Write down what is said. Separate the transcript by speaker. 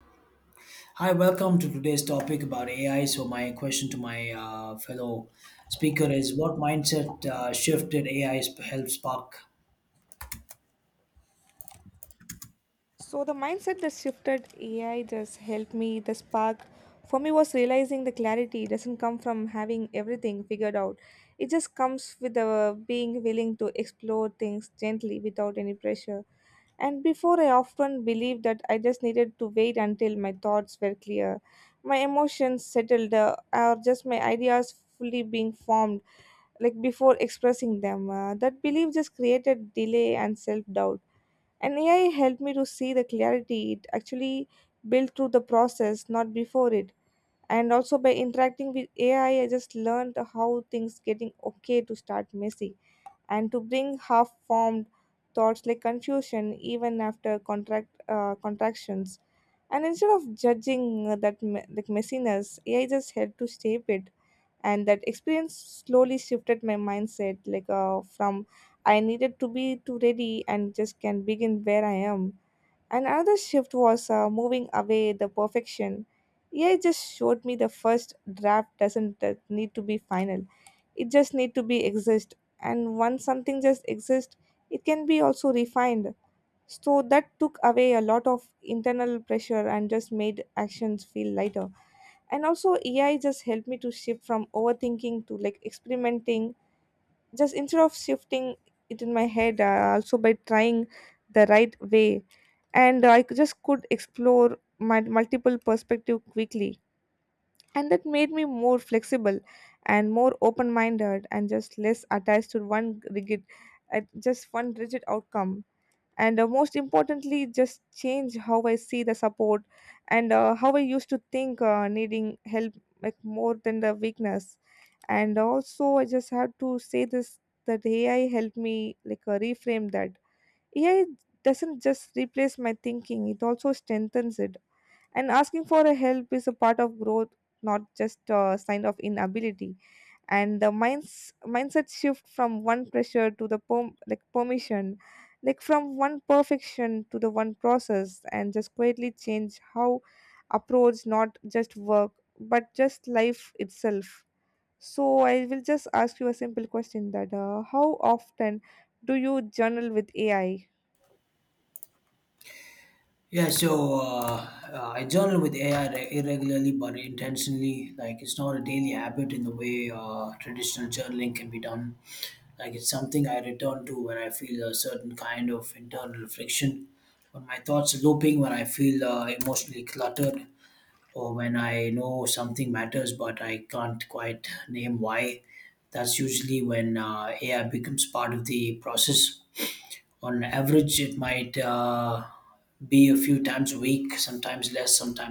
Speaker 1: Hi, welcome to today's topic about AI. So, my question to my fellow speaker is what mindset shift did AI help spark?
Speaker 2: So the mindset that shifted AI just helped me. The spark for me was realizing the clarity doesn't come from having everything figured out. It just comes with the being willing to explore things gently without any pressure. And before I often believed that I just needed to wait until my thoughts were clear, my emotions settled, or just my ideas fully being formed, like before expressing them. That belief just created delay and self doubt, and AI helped me to see the clarity it actually built through the process, not before it. And also, by interacting with AI, I just learned how things getting okay to start messy and to bring half formed thoughts like confusion even after contract contractions. And instead of judging that like messiness, AI just helped to shape it. And that experience slowly shifted my mindset, like from I needed to be too ready and just can begin where I am. And another shift was moving away the perfection. AI just showed me the first draft doesn't need to be final. It just need to be exist. And once something just exists, it can be also refined. So that took away a lot of internal pressure and just made actions feel lighter. And also AI just helped me to shift from overthinking to like experimenting. Just instead of shifting it in my head, also by trying the right way, and just could explore my multiple perspective quickly. And that made me more flexible and more open-minded and just less attached to one rigid, at just one rigid outcome. And most importantly, just change how I see the support, and how I used to think needing help like more than the weakness. And also, I just have to say this, that AI helped me like reframe that AI doesn't just replace my thinking, it also strengthens it. And asking for a help is a part of growth, not just a sign of inability. And the mindset shift from one pressure to the like permission, like from one perfection to the one process, and just quietly change how approach not just work but just life itself. So I will just ask you a simple question, that how often do you journal with AI?
Speaker 1: Yeah, I journal with AI irregularly but intentionally. Like, it's not a daily habit in the way traditional journaling can be done. Like, it's something I return to when I feel a certain kind of internal friction, when my thoughts are looping, when I feel emotionally cluttered, or when I know something matters but I can't quite name why. That's usually when AI becomes part of the process. On average, it might be a few times a week, sometimes less, sometimes